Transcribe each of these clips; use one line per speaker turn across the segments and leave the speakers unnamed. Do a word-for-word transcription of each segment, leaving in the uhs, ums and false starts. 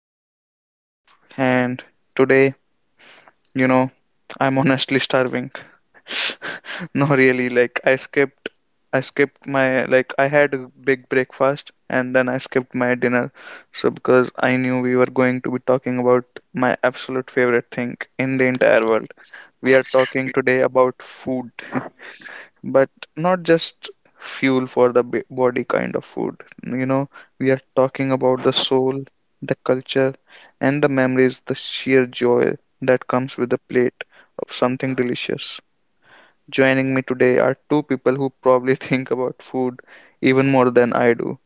your host Gaurav, and today, you know, I'm honestly starving. No, really, like I skipped, I skipped my like I had a big breakfast and then I skipped my dinner, so because I knew we were going to be talking about my absolute favorite thing in the entire world. We are talking today about food. but not just fuel for the b- body kind of food, you know we are talking about the soul, the culture, and the memories, the sheer joy that comes with a plate of something delicious. Joining me today are two people who probably think about food even more than I do.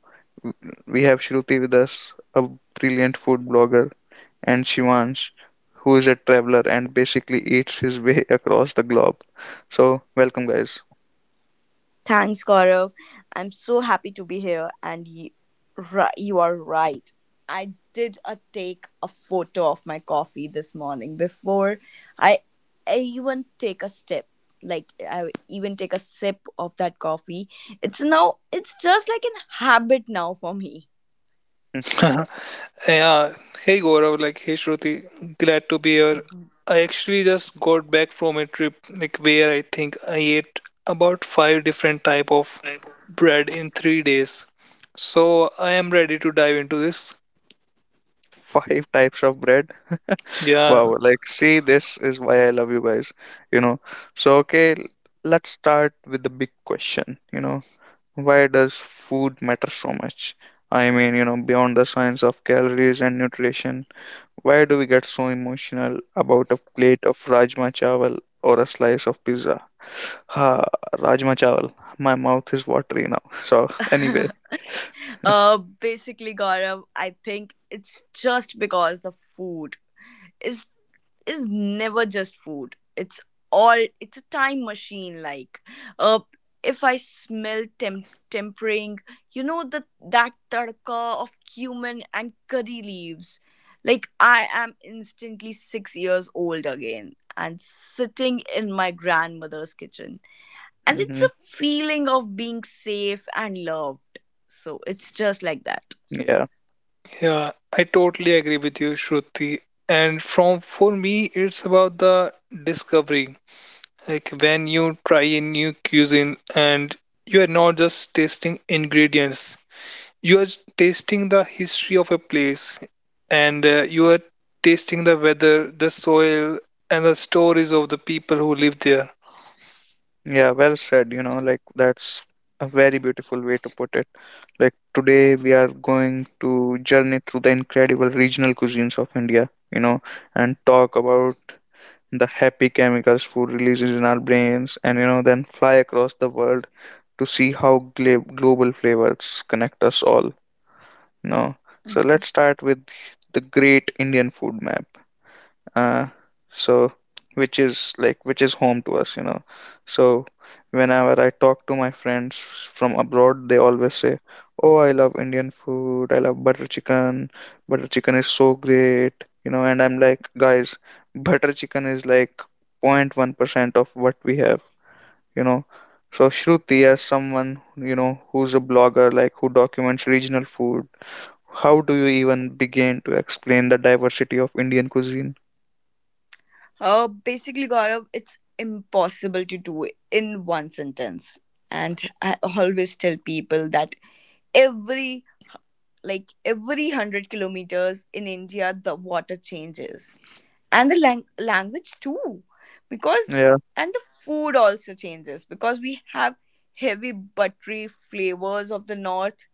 We have Shruti with us, a brilliant food blogger, and Shivansh, who is a traveler and basically eats his way across the globe. So welcome, guys.
Thanks, Gaurav. I'm so happy to be here, and you, you are right. I did a take a photo of my coffee this morning before I, I even take a sip. Like I even take a sip of that coffee. It's now. It's just like an habit now for me.
Yeah. Hey Gaurav, like hey Shruti, glad to be here.
Mhm.
I actually just got back from a trip like where I think I ate about five different type of bread in three days. So I am ready to dive into this.
Five types of bread.
Yeah,
Wow, like, see, this is why I love you guys, you know. So, okay, l- let's start with the big question, you know, why does food matter so much? I mean, you know, beyond the science of calories and nutrition, why do we get so emotional about a plate of rajma chawal or a slice of pizza? Ha, rajma chawal. My mouth is watery now. So, anyway,
uh, basically, Gaurav, I think it's just because the food. is is never just food. It's all it's a time machine like. Uh if I smell tem tempering, you know, that that tadka of cumin and curry leaves. Like I am instantly six years old again and sitting in my grandmother's kitchen. And it's
hmm
a feeling of being safe and loved. So it's just like that.
yeah.
yeah, I totally agree with you, Shruti. And from for me, it's about the discovery. Like when you try a new cuisine and you are not just tasting ingredients, you are tasting the history of a place and uh, you are tasting the weather, the soil, and the stories of the people who live there.
Yeah, well said. You know, like that's a very beautiful way to put it. Like today we are going to journey through the incredible regional cuisines of India, you know, and talk about the happy chemicals food releases in our brains, and, you know, then fly across the world to see how gla- global flavors connect us all, you know. So let's start with the great Indian food map, uh, so which is like which is home to us, you know so whenever I talk to my friends from abroad they always say, oh, I love Indian food, I love butter chicken, butter chicken is so great, you know and I'm like, guys, butter chicken is like zero point one percent of what we have, you know so Shruti, as someone you know who's a blogger, like who documents regional food, how do you even begin to explain the diversity of Indian cuisine?
Uh, basically, Gaurav, it's impossible to do in one sentence. And I always tell people that every like every one hundred kilometers in India, the water changes, and the lang- language too, because and the food also changes because we have heavy buttery flavors of the north,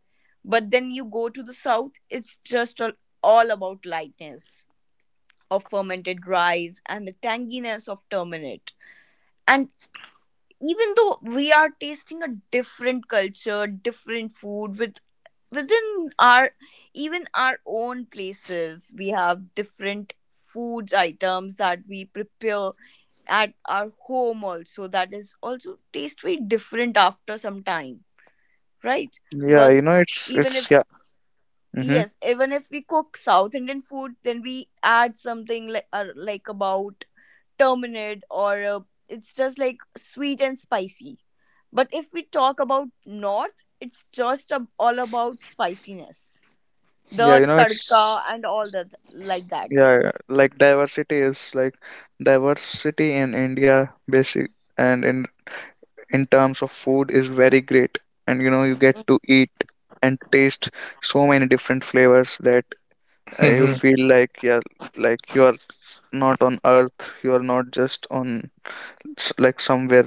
but then you go to the south, it's just all, all about lightness of fermented rice and the tanginess of turmeric. And even though we are tasting a different culture different food with within our even our own places, we have different foods items that we prepare at our home also, that is also taste very different after some time, right?
Yeah,
Because
you know, it's
even
it's
if
yeah. Mm-hmm.
yes even if we cook south indian food, then we add something like uh, like about terminate, or uh, it's just like sweet and spicy. But if we talk about north, it's just ab- all about spiciness,
Yeah,
the
you know,
tadka
it's
and all that like that
yeah,
things.
like diversity is like diversity in India basic, and in in terms of food is very great. And you know, you get to eat and taste so many different flavors that, uh, you
hmm
feel like, yeah, like you are not on earth, you are not just on s- like somewhere,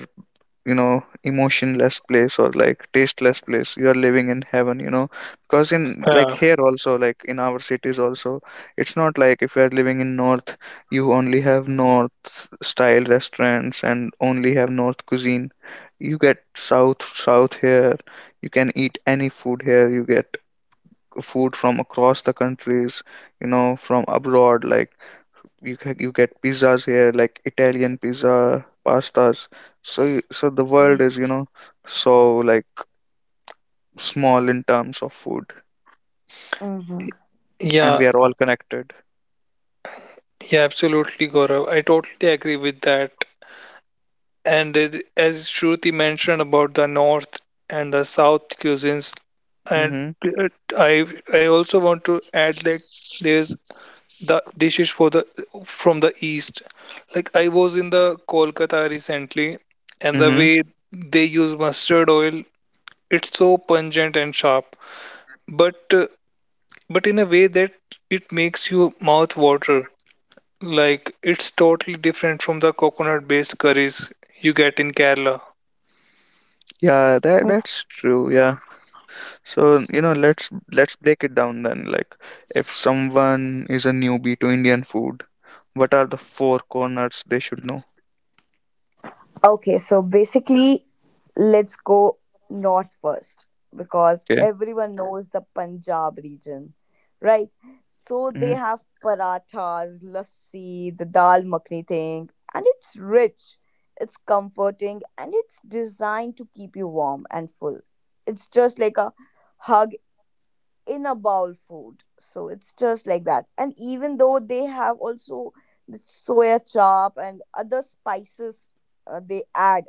you know emotionless place or like tasteless place, you are living in heaven, you know because in like
Yeah.
here also, like in our cities also, it's not like if you are living in north you only have north style restaurants and only have north cuisine. You get south south here, you can eat any food here, you get food from across the countries, you know from abroad, like you ca- you get pizzas here, like Italian pizza, pastas. So y- so the world is, you know, so like small in terms of food,
Mm-hmm.
and
Yeah,
we are all connected.
yeah, absolutely, Gaurav. I totally agree with that. And it, as Shruti mentioned about the North and the South cuisines, and
Mm-hmm.
uh, I I also want to add like there's the dishes for the from the east. Like I was in the Kolkata recently, and the
Mm-hmm.
way they use mustard oil, it's so pungent and sharp, but uh, but in a way that it makes you mouth water. Like it's totally different from the coconut-based curries you get in Kerala.
Yeah, that that's true. Yeah. So, you know, let's let's break it down then. Like, if someone is a newbie to Indian food, what are the four corners they should know?
Okay, so basically, let's go north first because
Okay.
everyone knows the Punjab region, right? So they
Mm-hmm.
have parathas, lassi, the dal makhni thing, and it's rich, it's comforting, and it's designed to keep you warm and full. It's just like a hug in a bowl food. So it's just like that. And even though they have also the soya chop and other spices, uh, they add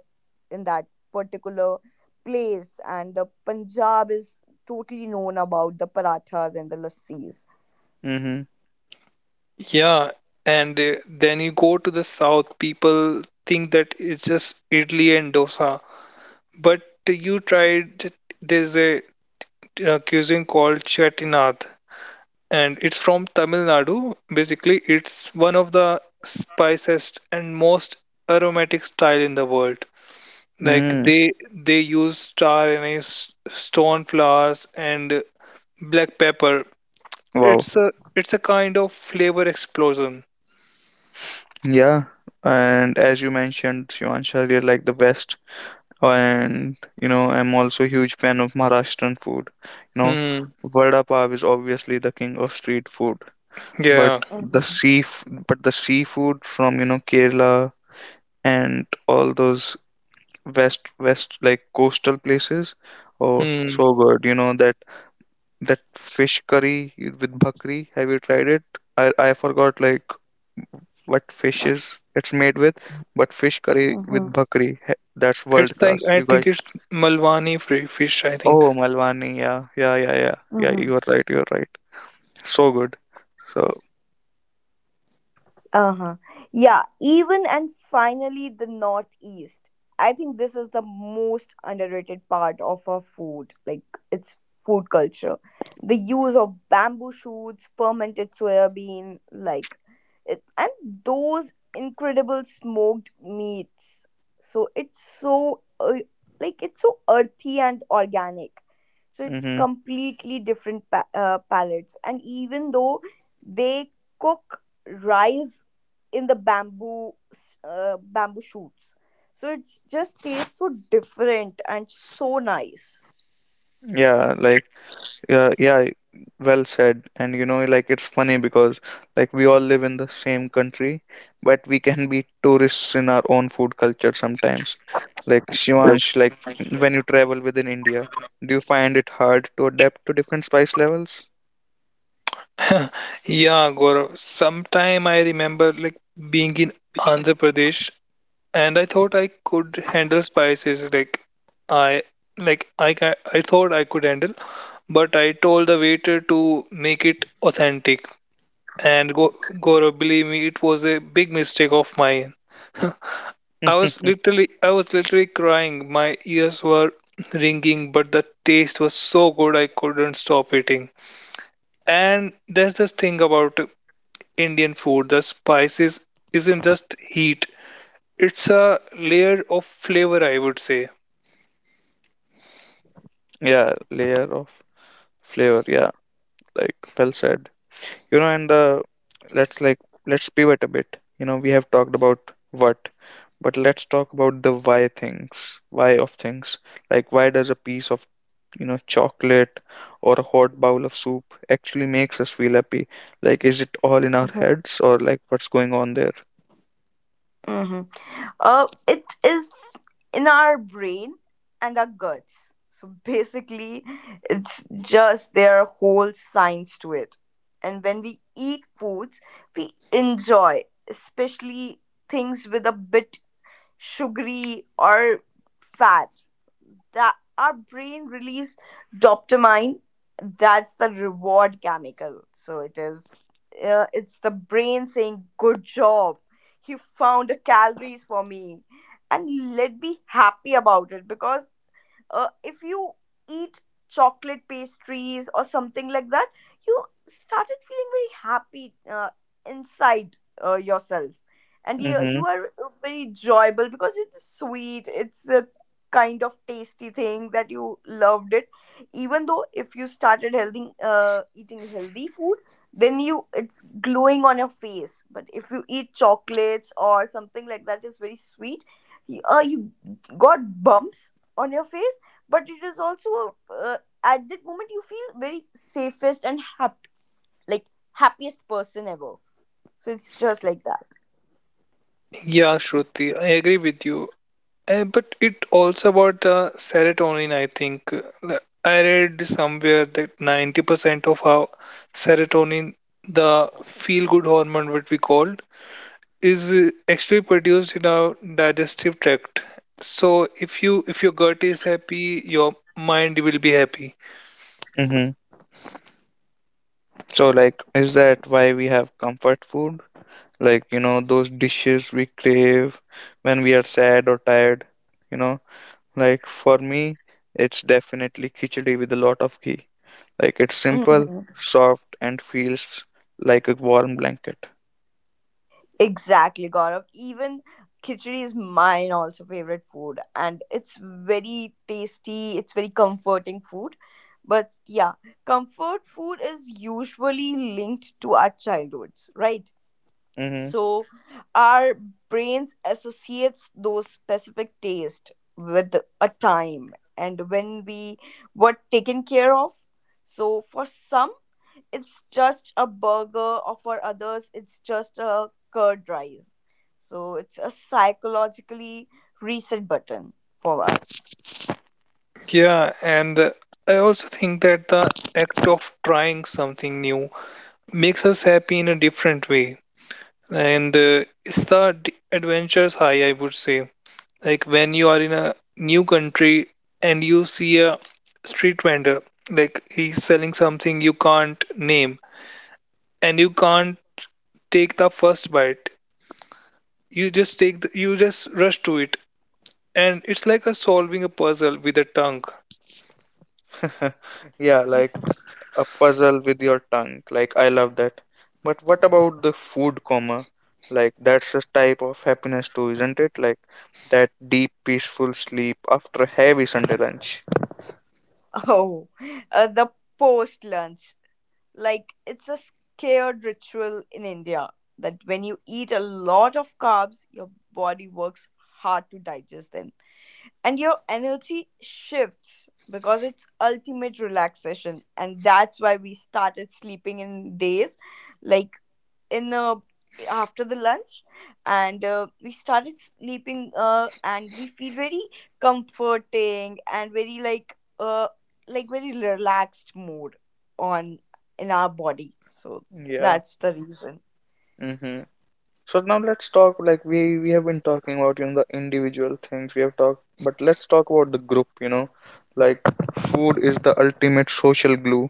in that particular place, and the Punjab is totally known about the parathas and the lassis.
Mm-hmm.
Yeah, and uh, then you go to the south, people think that it's just idli and dosa, but you tried there's a uh, cuisine called Chettinad, and it's from Tamil Nadu. Basically, it's one of the spiciest and most aromatic style in the world. Like
Mm.
they they use star anise, stone flowers, and black pepper.
Wow.
It's a it's a kind of flavor explosion.
Yeah. And as you mentioned, Shivansh, earlier, like the West, and you know I'm also a huge fan of Maharashtrian food, you know
Hmm.
vada pav is obviously the king of street food, but
Yeah.
the
Mhm,
sea but the seafood from, you know Kerala, and all those west west like coastal places, oh
Hmm.
so good, you know that that fish curry with bhakri, have you tried it? I i forgot like what fish is it's made with, but fish curry with
mhm,
bhakri, he- that's world
It's like
class,
I
you
think
guys.
it's Malwani fri- fish. I think.
Oh, Malwani, yeah, yeah, yeah, yeah, yeah.
mhm.
You're right, you're right. So good. So,
Uh huh. Yeah, even and finally the Northeast. I think this is the most underrated part of our food, like its food culture. The use of bamboo shoots, fermented soybean, like, it, and those incredible smoked meats. So it's so, uh, like, it's so earthy and organic. So it's
hmm
completely different pa- uh, palates. And even though they cook rice in the bamboo s- uh, bamboo shoots, so it just tastes so different and so nice.
yeah, like. Yeah, yeah, well said. And you know, like it's funny because like we all live in the same country, but we can be tourists in our own food culture sometimes. Like Shivansh, like when you travel within India, do you find it hard to adapt to different spice levels?
Yeah, Gaurav. Sometime I remember like being in Andhra Pradesh and I thought I could handle spices like I like I ca- I thought I could handle, but I told the waiter to make it authentic, and go, go believe me, it was a big mistake of mine. I was literally I was literally crying. My ears were ringing, but the taste was so good I couldn't stop eating. And that's the thing about Indian food, the spices isn't just heat. It's a layer of flavor, I would say.
Yeah, layer of flavor. Yeah, like well said. You know and uh, let's like let's pivot a bit, you know we have talked about what, but let's talk about the why things, why of things, like why does a piece of, you know chocolate or a hot bowl of soup actually makes us feel happy, like is it all in our
Mhm.
heads or like what's going on there?
hmm uh, it is in our brain and our guts. So basically, it's just their whole science to it, and when we eat foods we enjoy, especially things with a bit sugary or fat, that our brain release dopamine. That's the reward chemical. So it is uh, it's the brain saying good job, you found the calories for me, and let me happy about it. Because uh, if you eat chocolate pastries or something like that, you started feeling very happy uh, inside uh, yourself, and you you
Mm-hmm.
are uh, very enjoyable because it's sweet, it's a kind of tasty thing that you loved it. Even though if you started healthy uh, eating healthy food, then you it's glowing on your face. But if you eat chocolates or something like that is very sweet, you, uh, you got bumps on your face. But it is also uh, at that moment you feel very safest and happy, like happiest person ever. So it's just like that.
Yeah, Shruti, I agree with you. Uh, but it also about the serotonin, I think. Like, I read somewhere that ninety percent of our serotonin, the feel-good hormone, what we call, is uh, actually produced in our digestive tract. So if you if your gut is happy, your mind will be happy.
Mm-hmm. So, like, is that why we have comfort food? Like, you know, those dishes we crave when we are sad or tired, you know? Like, for me, it's definitely khichdi with a lot of ghee. Like, it's simple,
hmm
soft, and feels like a warm blanket.
exactly, Gaurav. Even khichdi is mine also favorite food, and it's very tasty, it's very comforting food. But yeah, comfort food is usually linked to our childhoods, right?
Mm-hmm.
So our brains associates those specific taste with a time and when we were taken care of. So for some, it's just a burger, or for others it's just a curd rice. So it's a psychologically reset button for us.
Yeah, and uh, I also think that the act of trying something new makes us happy in a different way and uh, it's the d- adventures high, I would say. Like when you are in a new country and you see a street vendor like he's selling something you can't name and you can't take the first bite you just take the, you just rush to it, and it's like a solving a puzzle with a tongue.
Yeah, like a puzzle with your tongue. Like I love that. But what about the food coma? Like that's a type of happiness too, isn't it? Like that deep, peaceful sleep after a heavy Sunday lunch.
Oh, uh, the post lunch. Like it's a scared ritual in India that when you eat a lot of carbs, your body works hard to digest them. And your energy shifts because it's ultimate relaxation. And that's why we started sleeping in days, like in uh, after the lunch, and uh, we started sleeping, uh, and we feel very comforting and very like uh, like very relaxed mood on in our body, so
Yeah.
that's the reason.
Mm-hmm. So now let's talk, like we we have been talking about, you know the individual things we have talked, but let's talk about the group, you know. Like food is the ultimate social glue.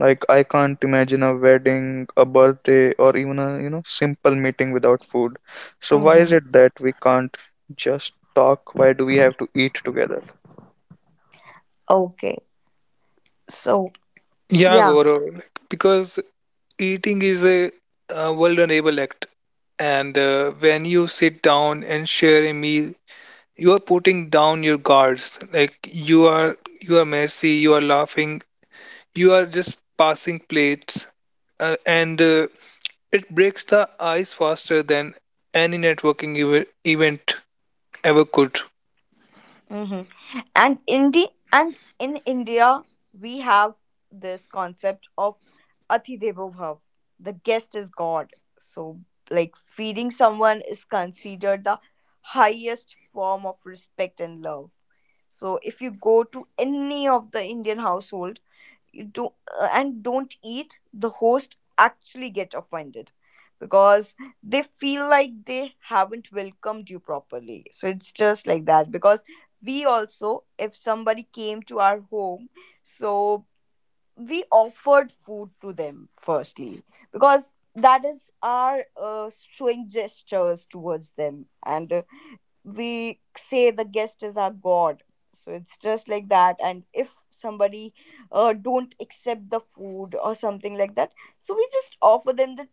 Like I can't imagine a wedding, a birthday, or even a, you know simple meeting without food. So why
Hmm.
is it that we can't just talk? Why do we have to eat together?
Okay. So,
Yeah
yeah.
Gaurav, like, because eating is a, a vulnerable act, and uh, when you sit down and share a meal, you are putting down your guards. Like you are you are messy, you are laughing, you are just passing plates, uh, and uh, it breaks the ice faster than any networking ev- event ever could.
Hmm. And Indi- and in India, we have this concept of Atidevo Bhav. The guest is God. So, like feeding someone is considered the highest form of respect and love. So, if you go to any of the Indian household, you do uh, and don't eat, the host actually get offended because they feel like they haven't welcomed you properly. So it's just like that. Because we also, if somebody came to our home, so we offered food to them firstly, because that is our, uh, showing gestures towards them. And uh, we say the guest is our god. So it's just like that. And if somebody uh, don't accept the food or something like that, so we just offer them that,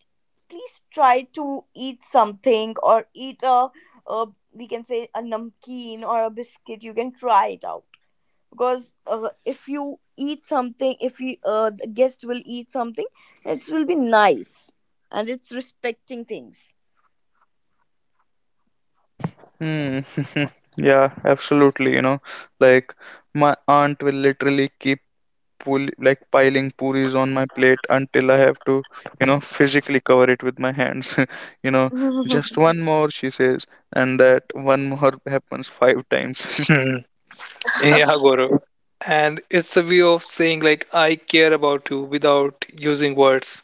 please try to eat something, or eat a, a we can say a namkeen or a biscuit you can try it out. Because uh, if you eat something, if you uh, the guest will eat something, it will be nice, and it's respecting things.
Hmm. Yeah, absolutely, you know. Like my aunt will literally keep pull like piling puris on my plate until I have to, you know, physically cover it with my hands. You know, just one more, she says, and that one more happens five times.
Hmm. Yeah Gaurav, and it's a way of saying like I care about you without using words,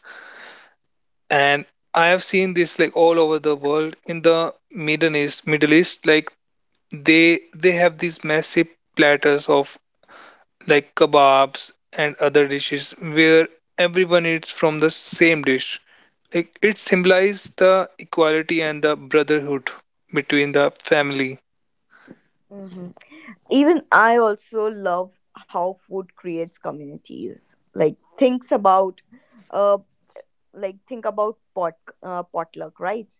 and I have seen this like all over the world in the Middle East Middle East like they they have these massive platters of like kebabs and other dishes where everyone eats from the same dish. Like it symbolizes the equality and the brotherhood between the family.
Mhm. Even I also love how food creates communities, like thinks about uh, like think about pot uh, potluck, right?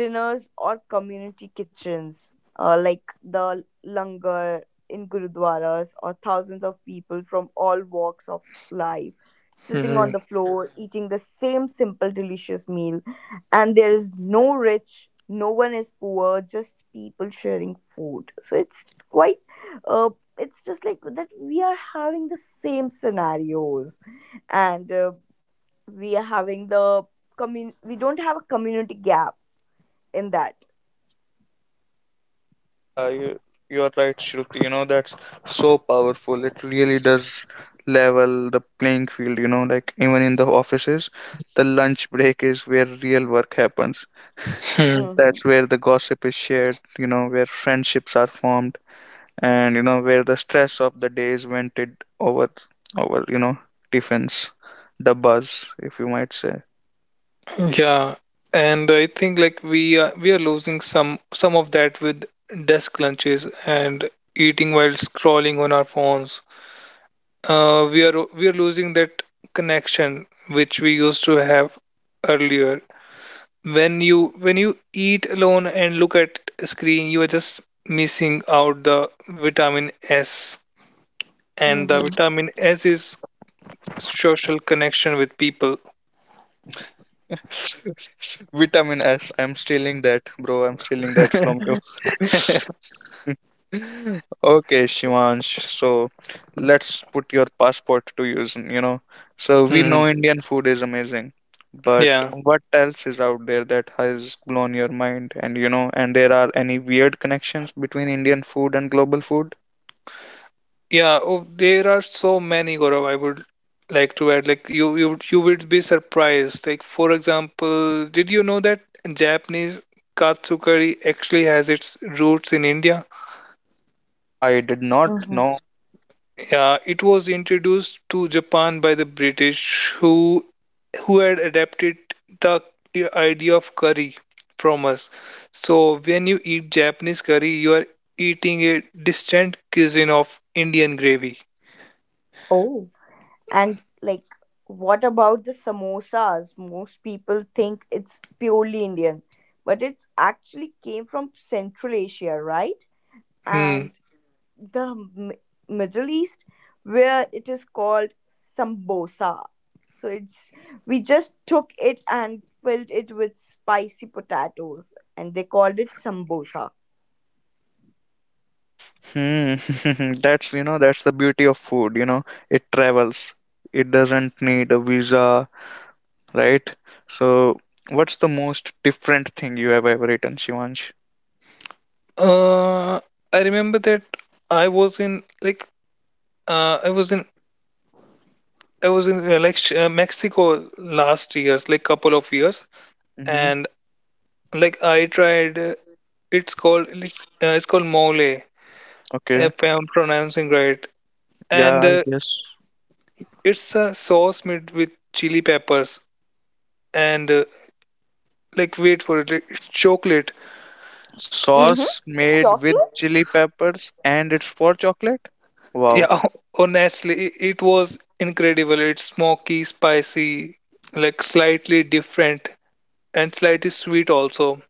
Dinners or community kitchens, uh, like the langar in gurudwaras, or thousands of people from all walks of life sitting
Hmm.
on the floor eating the same simple delicious meal. And there is no rich, no one is poor, just people sharing food. So it's quite uh, it's just like that. We are having the same scenarios, and uh, we are having the commun- we don't have a community gap in that.
Yeah, you you're right, Shruti. You know, that's so powerful. It really does level the playing field, you know, like even in the offices, the lunch break is where real work happens.
Hmm.
That's
Mm-hmm.
where the gossip is shared, you know, where friendships are formed, and you know where the stress of the day is vented over over you know tiffins, the buzz if you might say.
Yeah, and I think like we are, we are losing some some of that with desk lunches and eating while scrolling on our phones. Uh, we are we are losing that connection which we used to have earlier. When you when you eat alone and look at screen, you are just missing out the vitamin S, and the
Mm-hmm.
vitamin S is social connection with people.
Vitamin S, I'm stealing that, bro, I'm stealing that from you. Okay, Shivansh, so let's put your passport to use, you know so we
hmm
know Indian food is amazing, but
yeah,
what else is out there that has blown your mind, and you know and there are any weird connections between Indian food and global food?
yeah. Oh, there are so many, Gaurav. I would like to add like you you you would be surprised. Like, for example, did you know that Japanese katsukari actually has its roots in India?
I did not
Mm-hmm.
know.
Yeah, it was introduced to Japan by the British, who who had adapted the idea of curry from us. So when you eat Japanese curry, you are eating a distant cuisine of Indian gravy.
Oh, and like, what about the samosas? Most people think it's purely indian, but it's actually came from central asia, right?
Hmm.
And the M- Middle East, where it is called sambosa. So it's we just took it and filled it with spicy potatoes, and they called it sambosa.
Hmm. That's, you know, that's the beauty of food, you know, it travels. It doesn't need a visa, right? So, what's the most different thing you have ever eaten, Shivansh?
Uh, I remember that I was in like uh, I was in I was in uh, like sh- uh, Mexico last years, like couple of years,
Mm-hmm.
and like I tried. Uh, It's called like, uh, it's called mole,
Okay.
if I'm pronouncing right. And
Yeah, I
uh,
guess.
it's a sauce made with chili peppers and uh, like wait for it, like, it's chocolate.
Mm-hmm.
Sauce made with
Chocolate.
chili peppers and it's for chocolate? Wow.
Yeah, honestly, i- it was incredible. It's smoky, spicy, like slightly different and slightly sweet also.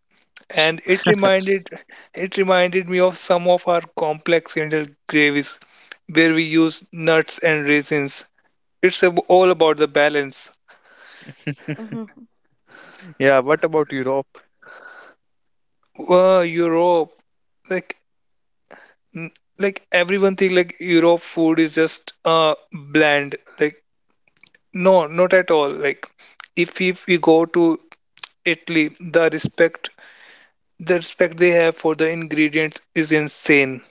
S-
And it reminded it reminded me of some of our complex Indian gravies where we use nuts and raisins. It's ab- all about the balance.
Hmm.
Yeah, what about Europe?
Wow, Europe. Like N- Like everyone think like Europe food is just uh bland. Like no, not at all. Like if if we go to Italy, the respect the respect they have for the ingredients is insane.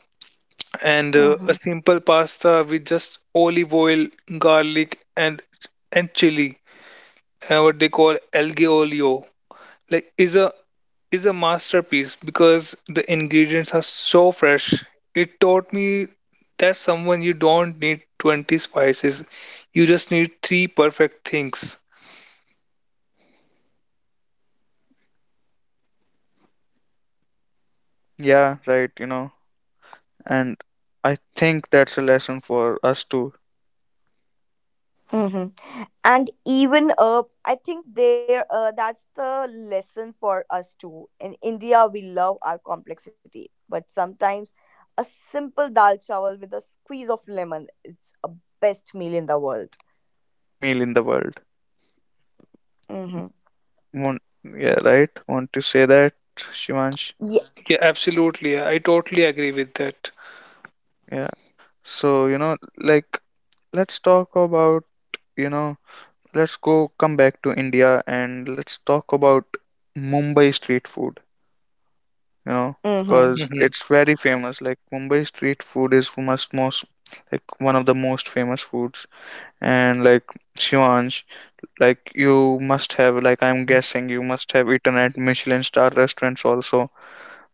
And uh, a
Hmm.
simple pasta with just olive oil, garlic, and and chili, uh, what they call algae olio, like is a is a masterpiece because the ingredients are so fresh. It taught me that someone you don't need twenty spices, you just need three perfect things.
Yeah, right, you know, and I think that's a lesson for us too.
Hmm.
Like
And
in
even uh,
India,
I think
like we
there uh,
love our
that's the
like in India
lesson
we
for us too. In
so I think
India, we
that's a lesson
love
for
our
us too. Like in
complexity,
India we
but
love our
sometimes a
complexity,
simple
but
dal chawal with a
sometimes a
squeeze of
simple
lemon,
dal
it's a
chawal, you know, with a
best meal
squeeze
in the
of lemon
world.
is the best meal in the world.
Mm-hmm.
Won't, yeah, right? Want to say that, Shivansh?
Yeah.
Yeah, absolutely. I totally agree with that.
Yeah. So, you know, like let's talk about, you know, let's go come back to India and let's talk about Mumbai street food, you know,
Mm-hmm.
because
hmm
it's very famous. Like Mumbai street food is most most like one of the most famous foods. And like Shivansh, like you must have like I'm guessing you must have eaten at Michelin star restaurants also.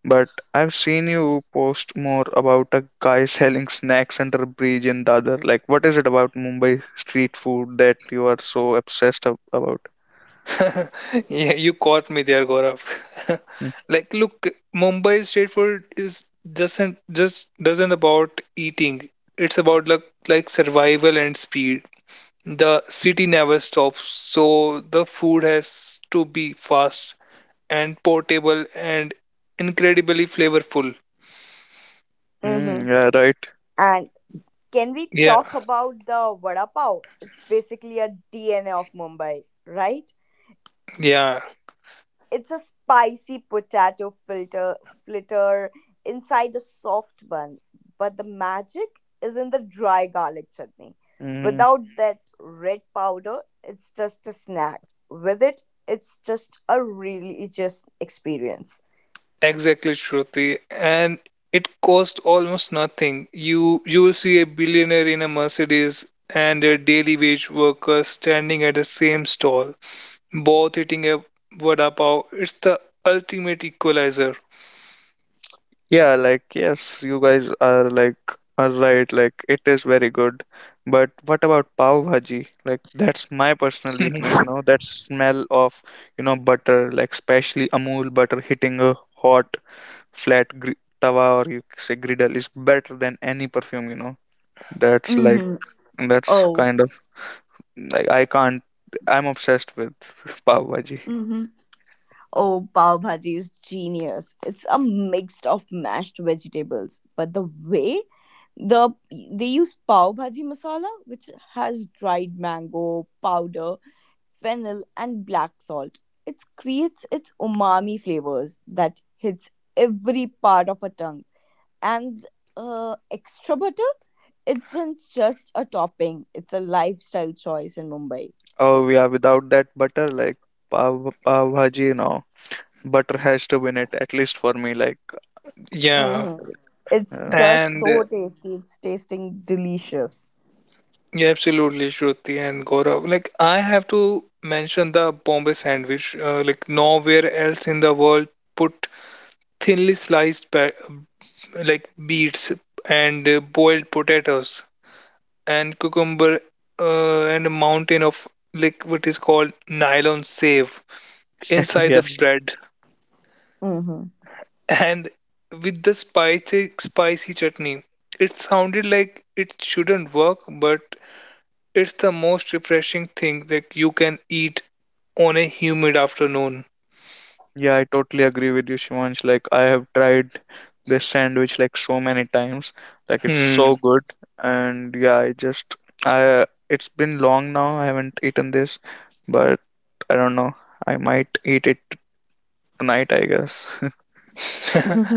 But I've seen you post more about a guy selling snacks under a bridge in Dadar. Like, what is it about Mumbai street food that you are so obsessed ab- about?
Yeah, you caught me there, Gaurav. Like, look, Mumbai street food is doesn't just doesn't about eating. It's about like like survival and speed. The city never stops, so the food has to be fast and portable and incredibly flavorful.
Mm-hmm.
Mm, yeah, right.
And can we
Yeah,
talk about the vada pav? It's basically a D N A of Mumbai, right?
yeah,
It's a spicy potato filter flitter inside a soft bun, but the magic is in the dry garlic chutney.
Hmm.
Without that red powder, it's just a snack. With it, it's just a religious experience.
exactly, Shruti. And it costs almost nothing. You you will see a billionaire in a Mercedes and a daily wage worker standing at the same stall, both eating a vada pav. It's the ultimate equalizer.
Yeah, like yes, you guys are like are right, like it is very good. But what about pav bhaji? Like that's my personal weakness, you know, that smell of, you know, butter, like especially Amul butter hitting a hot flat gr tawa, or you say griddle, is better than any perfume, you know. That's like
Mm-hmm.
that's
Oh.
kind of, like I can't I'm obsessed with pav bhaji.
Oh, pav bhaji is genius. It's a mix of mashed vegetables, but the way the they use pav bhaji masala, which has dried mango powder, fennel, and black salt, it creates its umami flavors that hits every part of a tongue. And uh, extra butter isn't just a topping; it's a lifestyle choice in Mumbai.
Oh yeah, without that butter, like pav pav bhaji, you know, butter has to win it at least for me, like,
Yeah,
Mm-hmm. It's
Yeah,
just
and
so tasty. It's tasting delicious.
yeah, absolutely, Shruti and Gaurav. Like, I have to mention the Bombay sandwich. Uh, like, nowhere else in the world put thinly sliced pa- like beets and uh, boiled potatoes and cucumber, uh, and a mountain of like what is called nylon save inside
yeah,
the bread,
Mm-hmm.
and with the spicy spicy chutney. It sounded like it shouldn't work, but it's the most refreshing thing that you can eat on a humid afternoon.
yeah, I totally agree with you, Shivansh. Like, I have tried this sandwich like so many times. Like, it's
Hmm.
so good. And yeah, I just, I, it's been long now. I haven't eaten this, but I don't know. I might eat it tonight, I guess.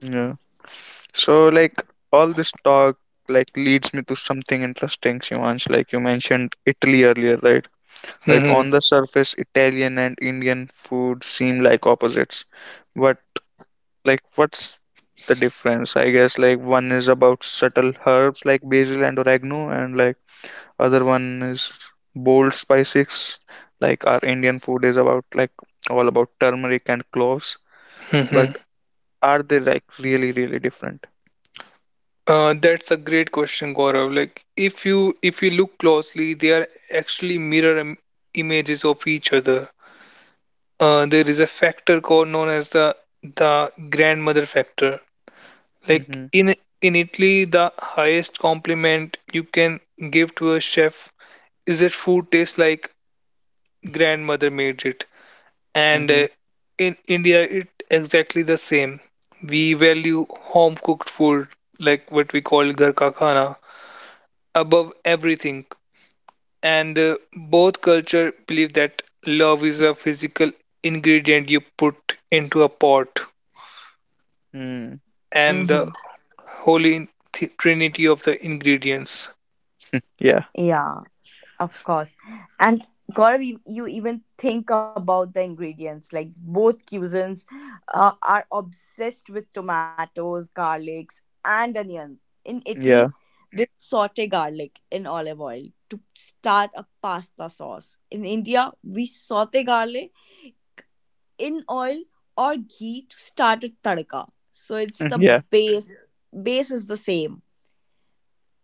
Yeah. So, like, all this talk like leads me to something interesting, Shivansh. Like, you mentioned Italy earlier, right? Like
Hmm.
on the surface, Italian and Indian food seem like opposites. But like what's the difference? I guess, like one is about subtle herbs like basil and oregano, and like other one is bold spices. Like our Indian food is about like all about turmeric and cloves.
Hmm.
But
Hmm.
are they like really, really different?
Uh, that's a great question, Gaurav. Like, if you if you look closely, they are actually mirror im images of each other. Uh, there is a factor called known as the the grandmother factor. Like
Mm-hmm.
in in Italy, the highest compliment you can give to a chef is that food tastes like grandmother made it. And
Mm-hmm.
uh, in India, it exactly the same. We value home cooked food, like what we call ghar ka khana, above everything. And uh, both culture believe that love is a physical ingredient you put into a pot,
Mm.
and the
mm-hmm.
holy th- trinity of the ingredients.
Yeah.
Yeah, of course. And Gaurav, you, you even think about the ingredients. Like both cuisines uh, are obsessed with tomatoes, garlics, and onion. In Italy,
Yeah.
they saute garlic in olive oil to start a pasta sauce. In India, we saute garlic in oil or ghee to start a tadka. So it's the
Yeah.
base. Base is the same,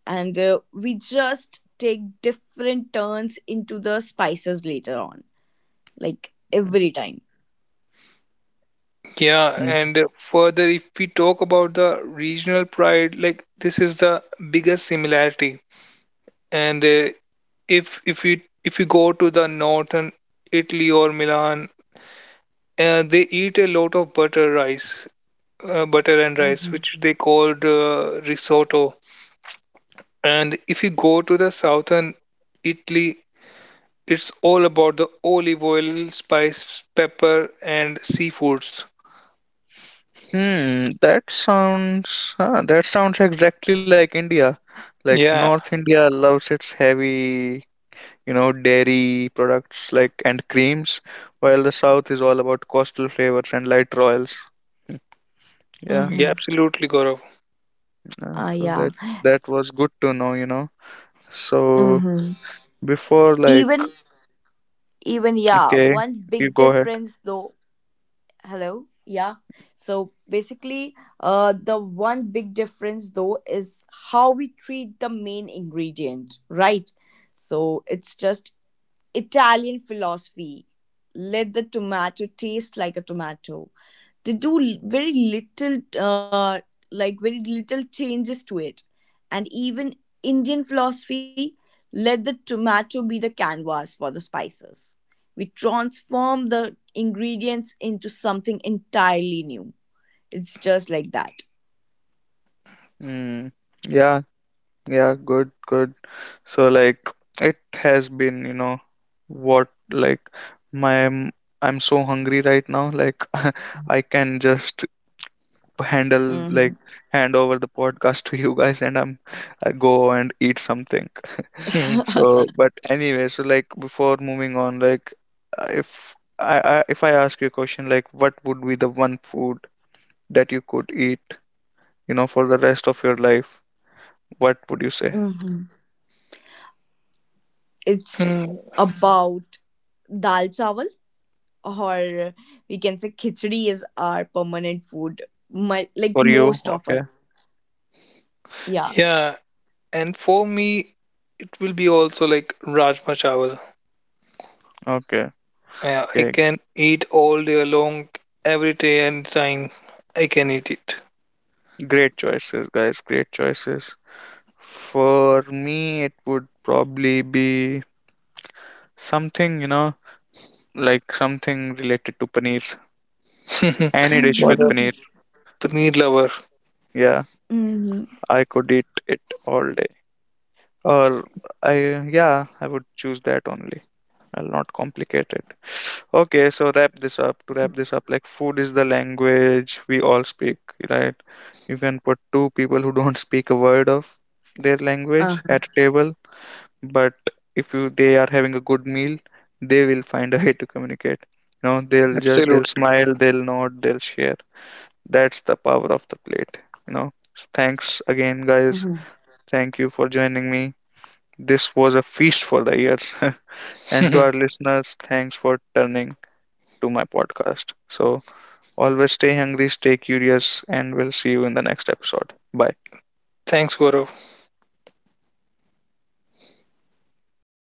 and uh, we just take different turns into the spices later on, like every time.
Yeah,
Mm-hmm.
and uh, further, if we talk about the regional pride, like this is the biggest similarity. And uh, if if you if you go to the northern Italy or Milan, uh, they eat a lot of butter rice, uh, butter and rice,
Mm-hmm.
which they called uh, risotto. And if you go to the southern Italy, it's all about the olive oil, spice, pepper, and seafoods.
Hmm, that sounds uh, that sounds exactly like India. Like
Yeah,
North India loves its heavy, you know, dairy products like and creams, while the South is all about coastal flavors and lighter oils. Hmm, yeah,
yeah,
Mm-hmm.
absolutely, Gaurav.
uh,
Uh,
so
yeah.
that that was good to know, you know. So
Mm-hmm.
before like,
Even even, yeah,
okay,
one
you
big
go ahead.
difference though. Hello. Yeah. So basically, uh, the one big difference though is how we treat the main ingredient, right? So it's just Italian philosophy. Let the tomato taste like a tomato, they do l- very little uh, like very little changes to it. And even indian philosophy, let the tomato be the canvas for the spices, we transform the ingredients into something entirely new. It's just like that.
Hmm. Yeah, yeah, good, good. So like it has been, you know, what like my m- I'm so hungry right now. Like I can just handle like
Hmm.
hand over the podcast to you guys, and I'm I go and eat something.
Hmm.
So but anyway, so like before moving on, like uh, if I, I if I ask you a question, like what would be the one food that you could eat, you know, for the rest of your life, what would you say?
Hmm. It's
Hmm.
about dal chawal, or we can say khichdi is our permanent food. My, like
For you?
Most of
Okay.
us. Yeah.
Yeah, and for me, it will be also like Rajma Chawal.
Okay.
Uh, I
Okay.
can eat all day long, every day and time. I can eat
Great choices, guys. Great choices. For me, it would probably be something, you know, like something related to paneer.
it.
Any dish
What
with
a
Hmm.
paneer.
paneer lover.
Yeah, I could eat it all day. Or I, yeah, I would choose that only. I'll not complicate it. Okay, so wrap this up. To wrap this up, like food is the language we all speak, right? You can put two people who don't speak a word of their language at
Uh-huh,
a table, but if you they are having a good meal, they will find a way to communicate, you know they'll just they'll
Absolutely.
smile, they'll nod, they'll share. That's the power of the plate you know So thanks again, guys,
mhm.
thank you for joining me, this was a feast for the ears. And to our listeners, thanks for turning to my podcast, so always stay hungry, stay curious, and we'll see you in the next episode. Bye.
Thanks, Gaurav.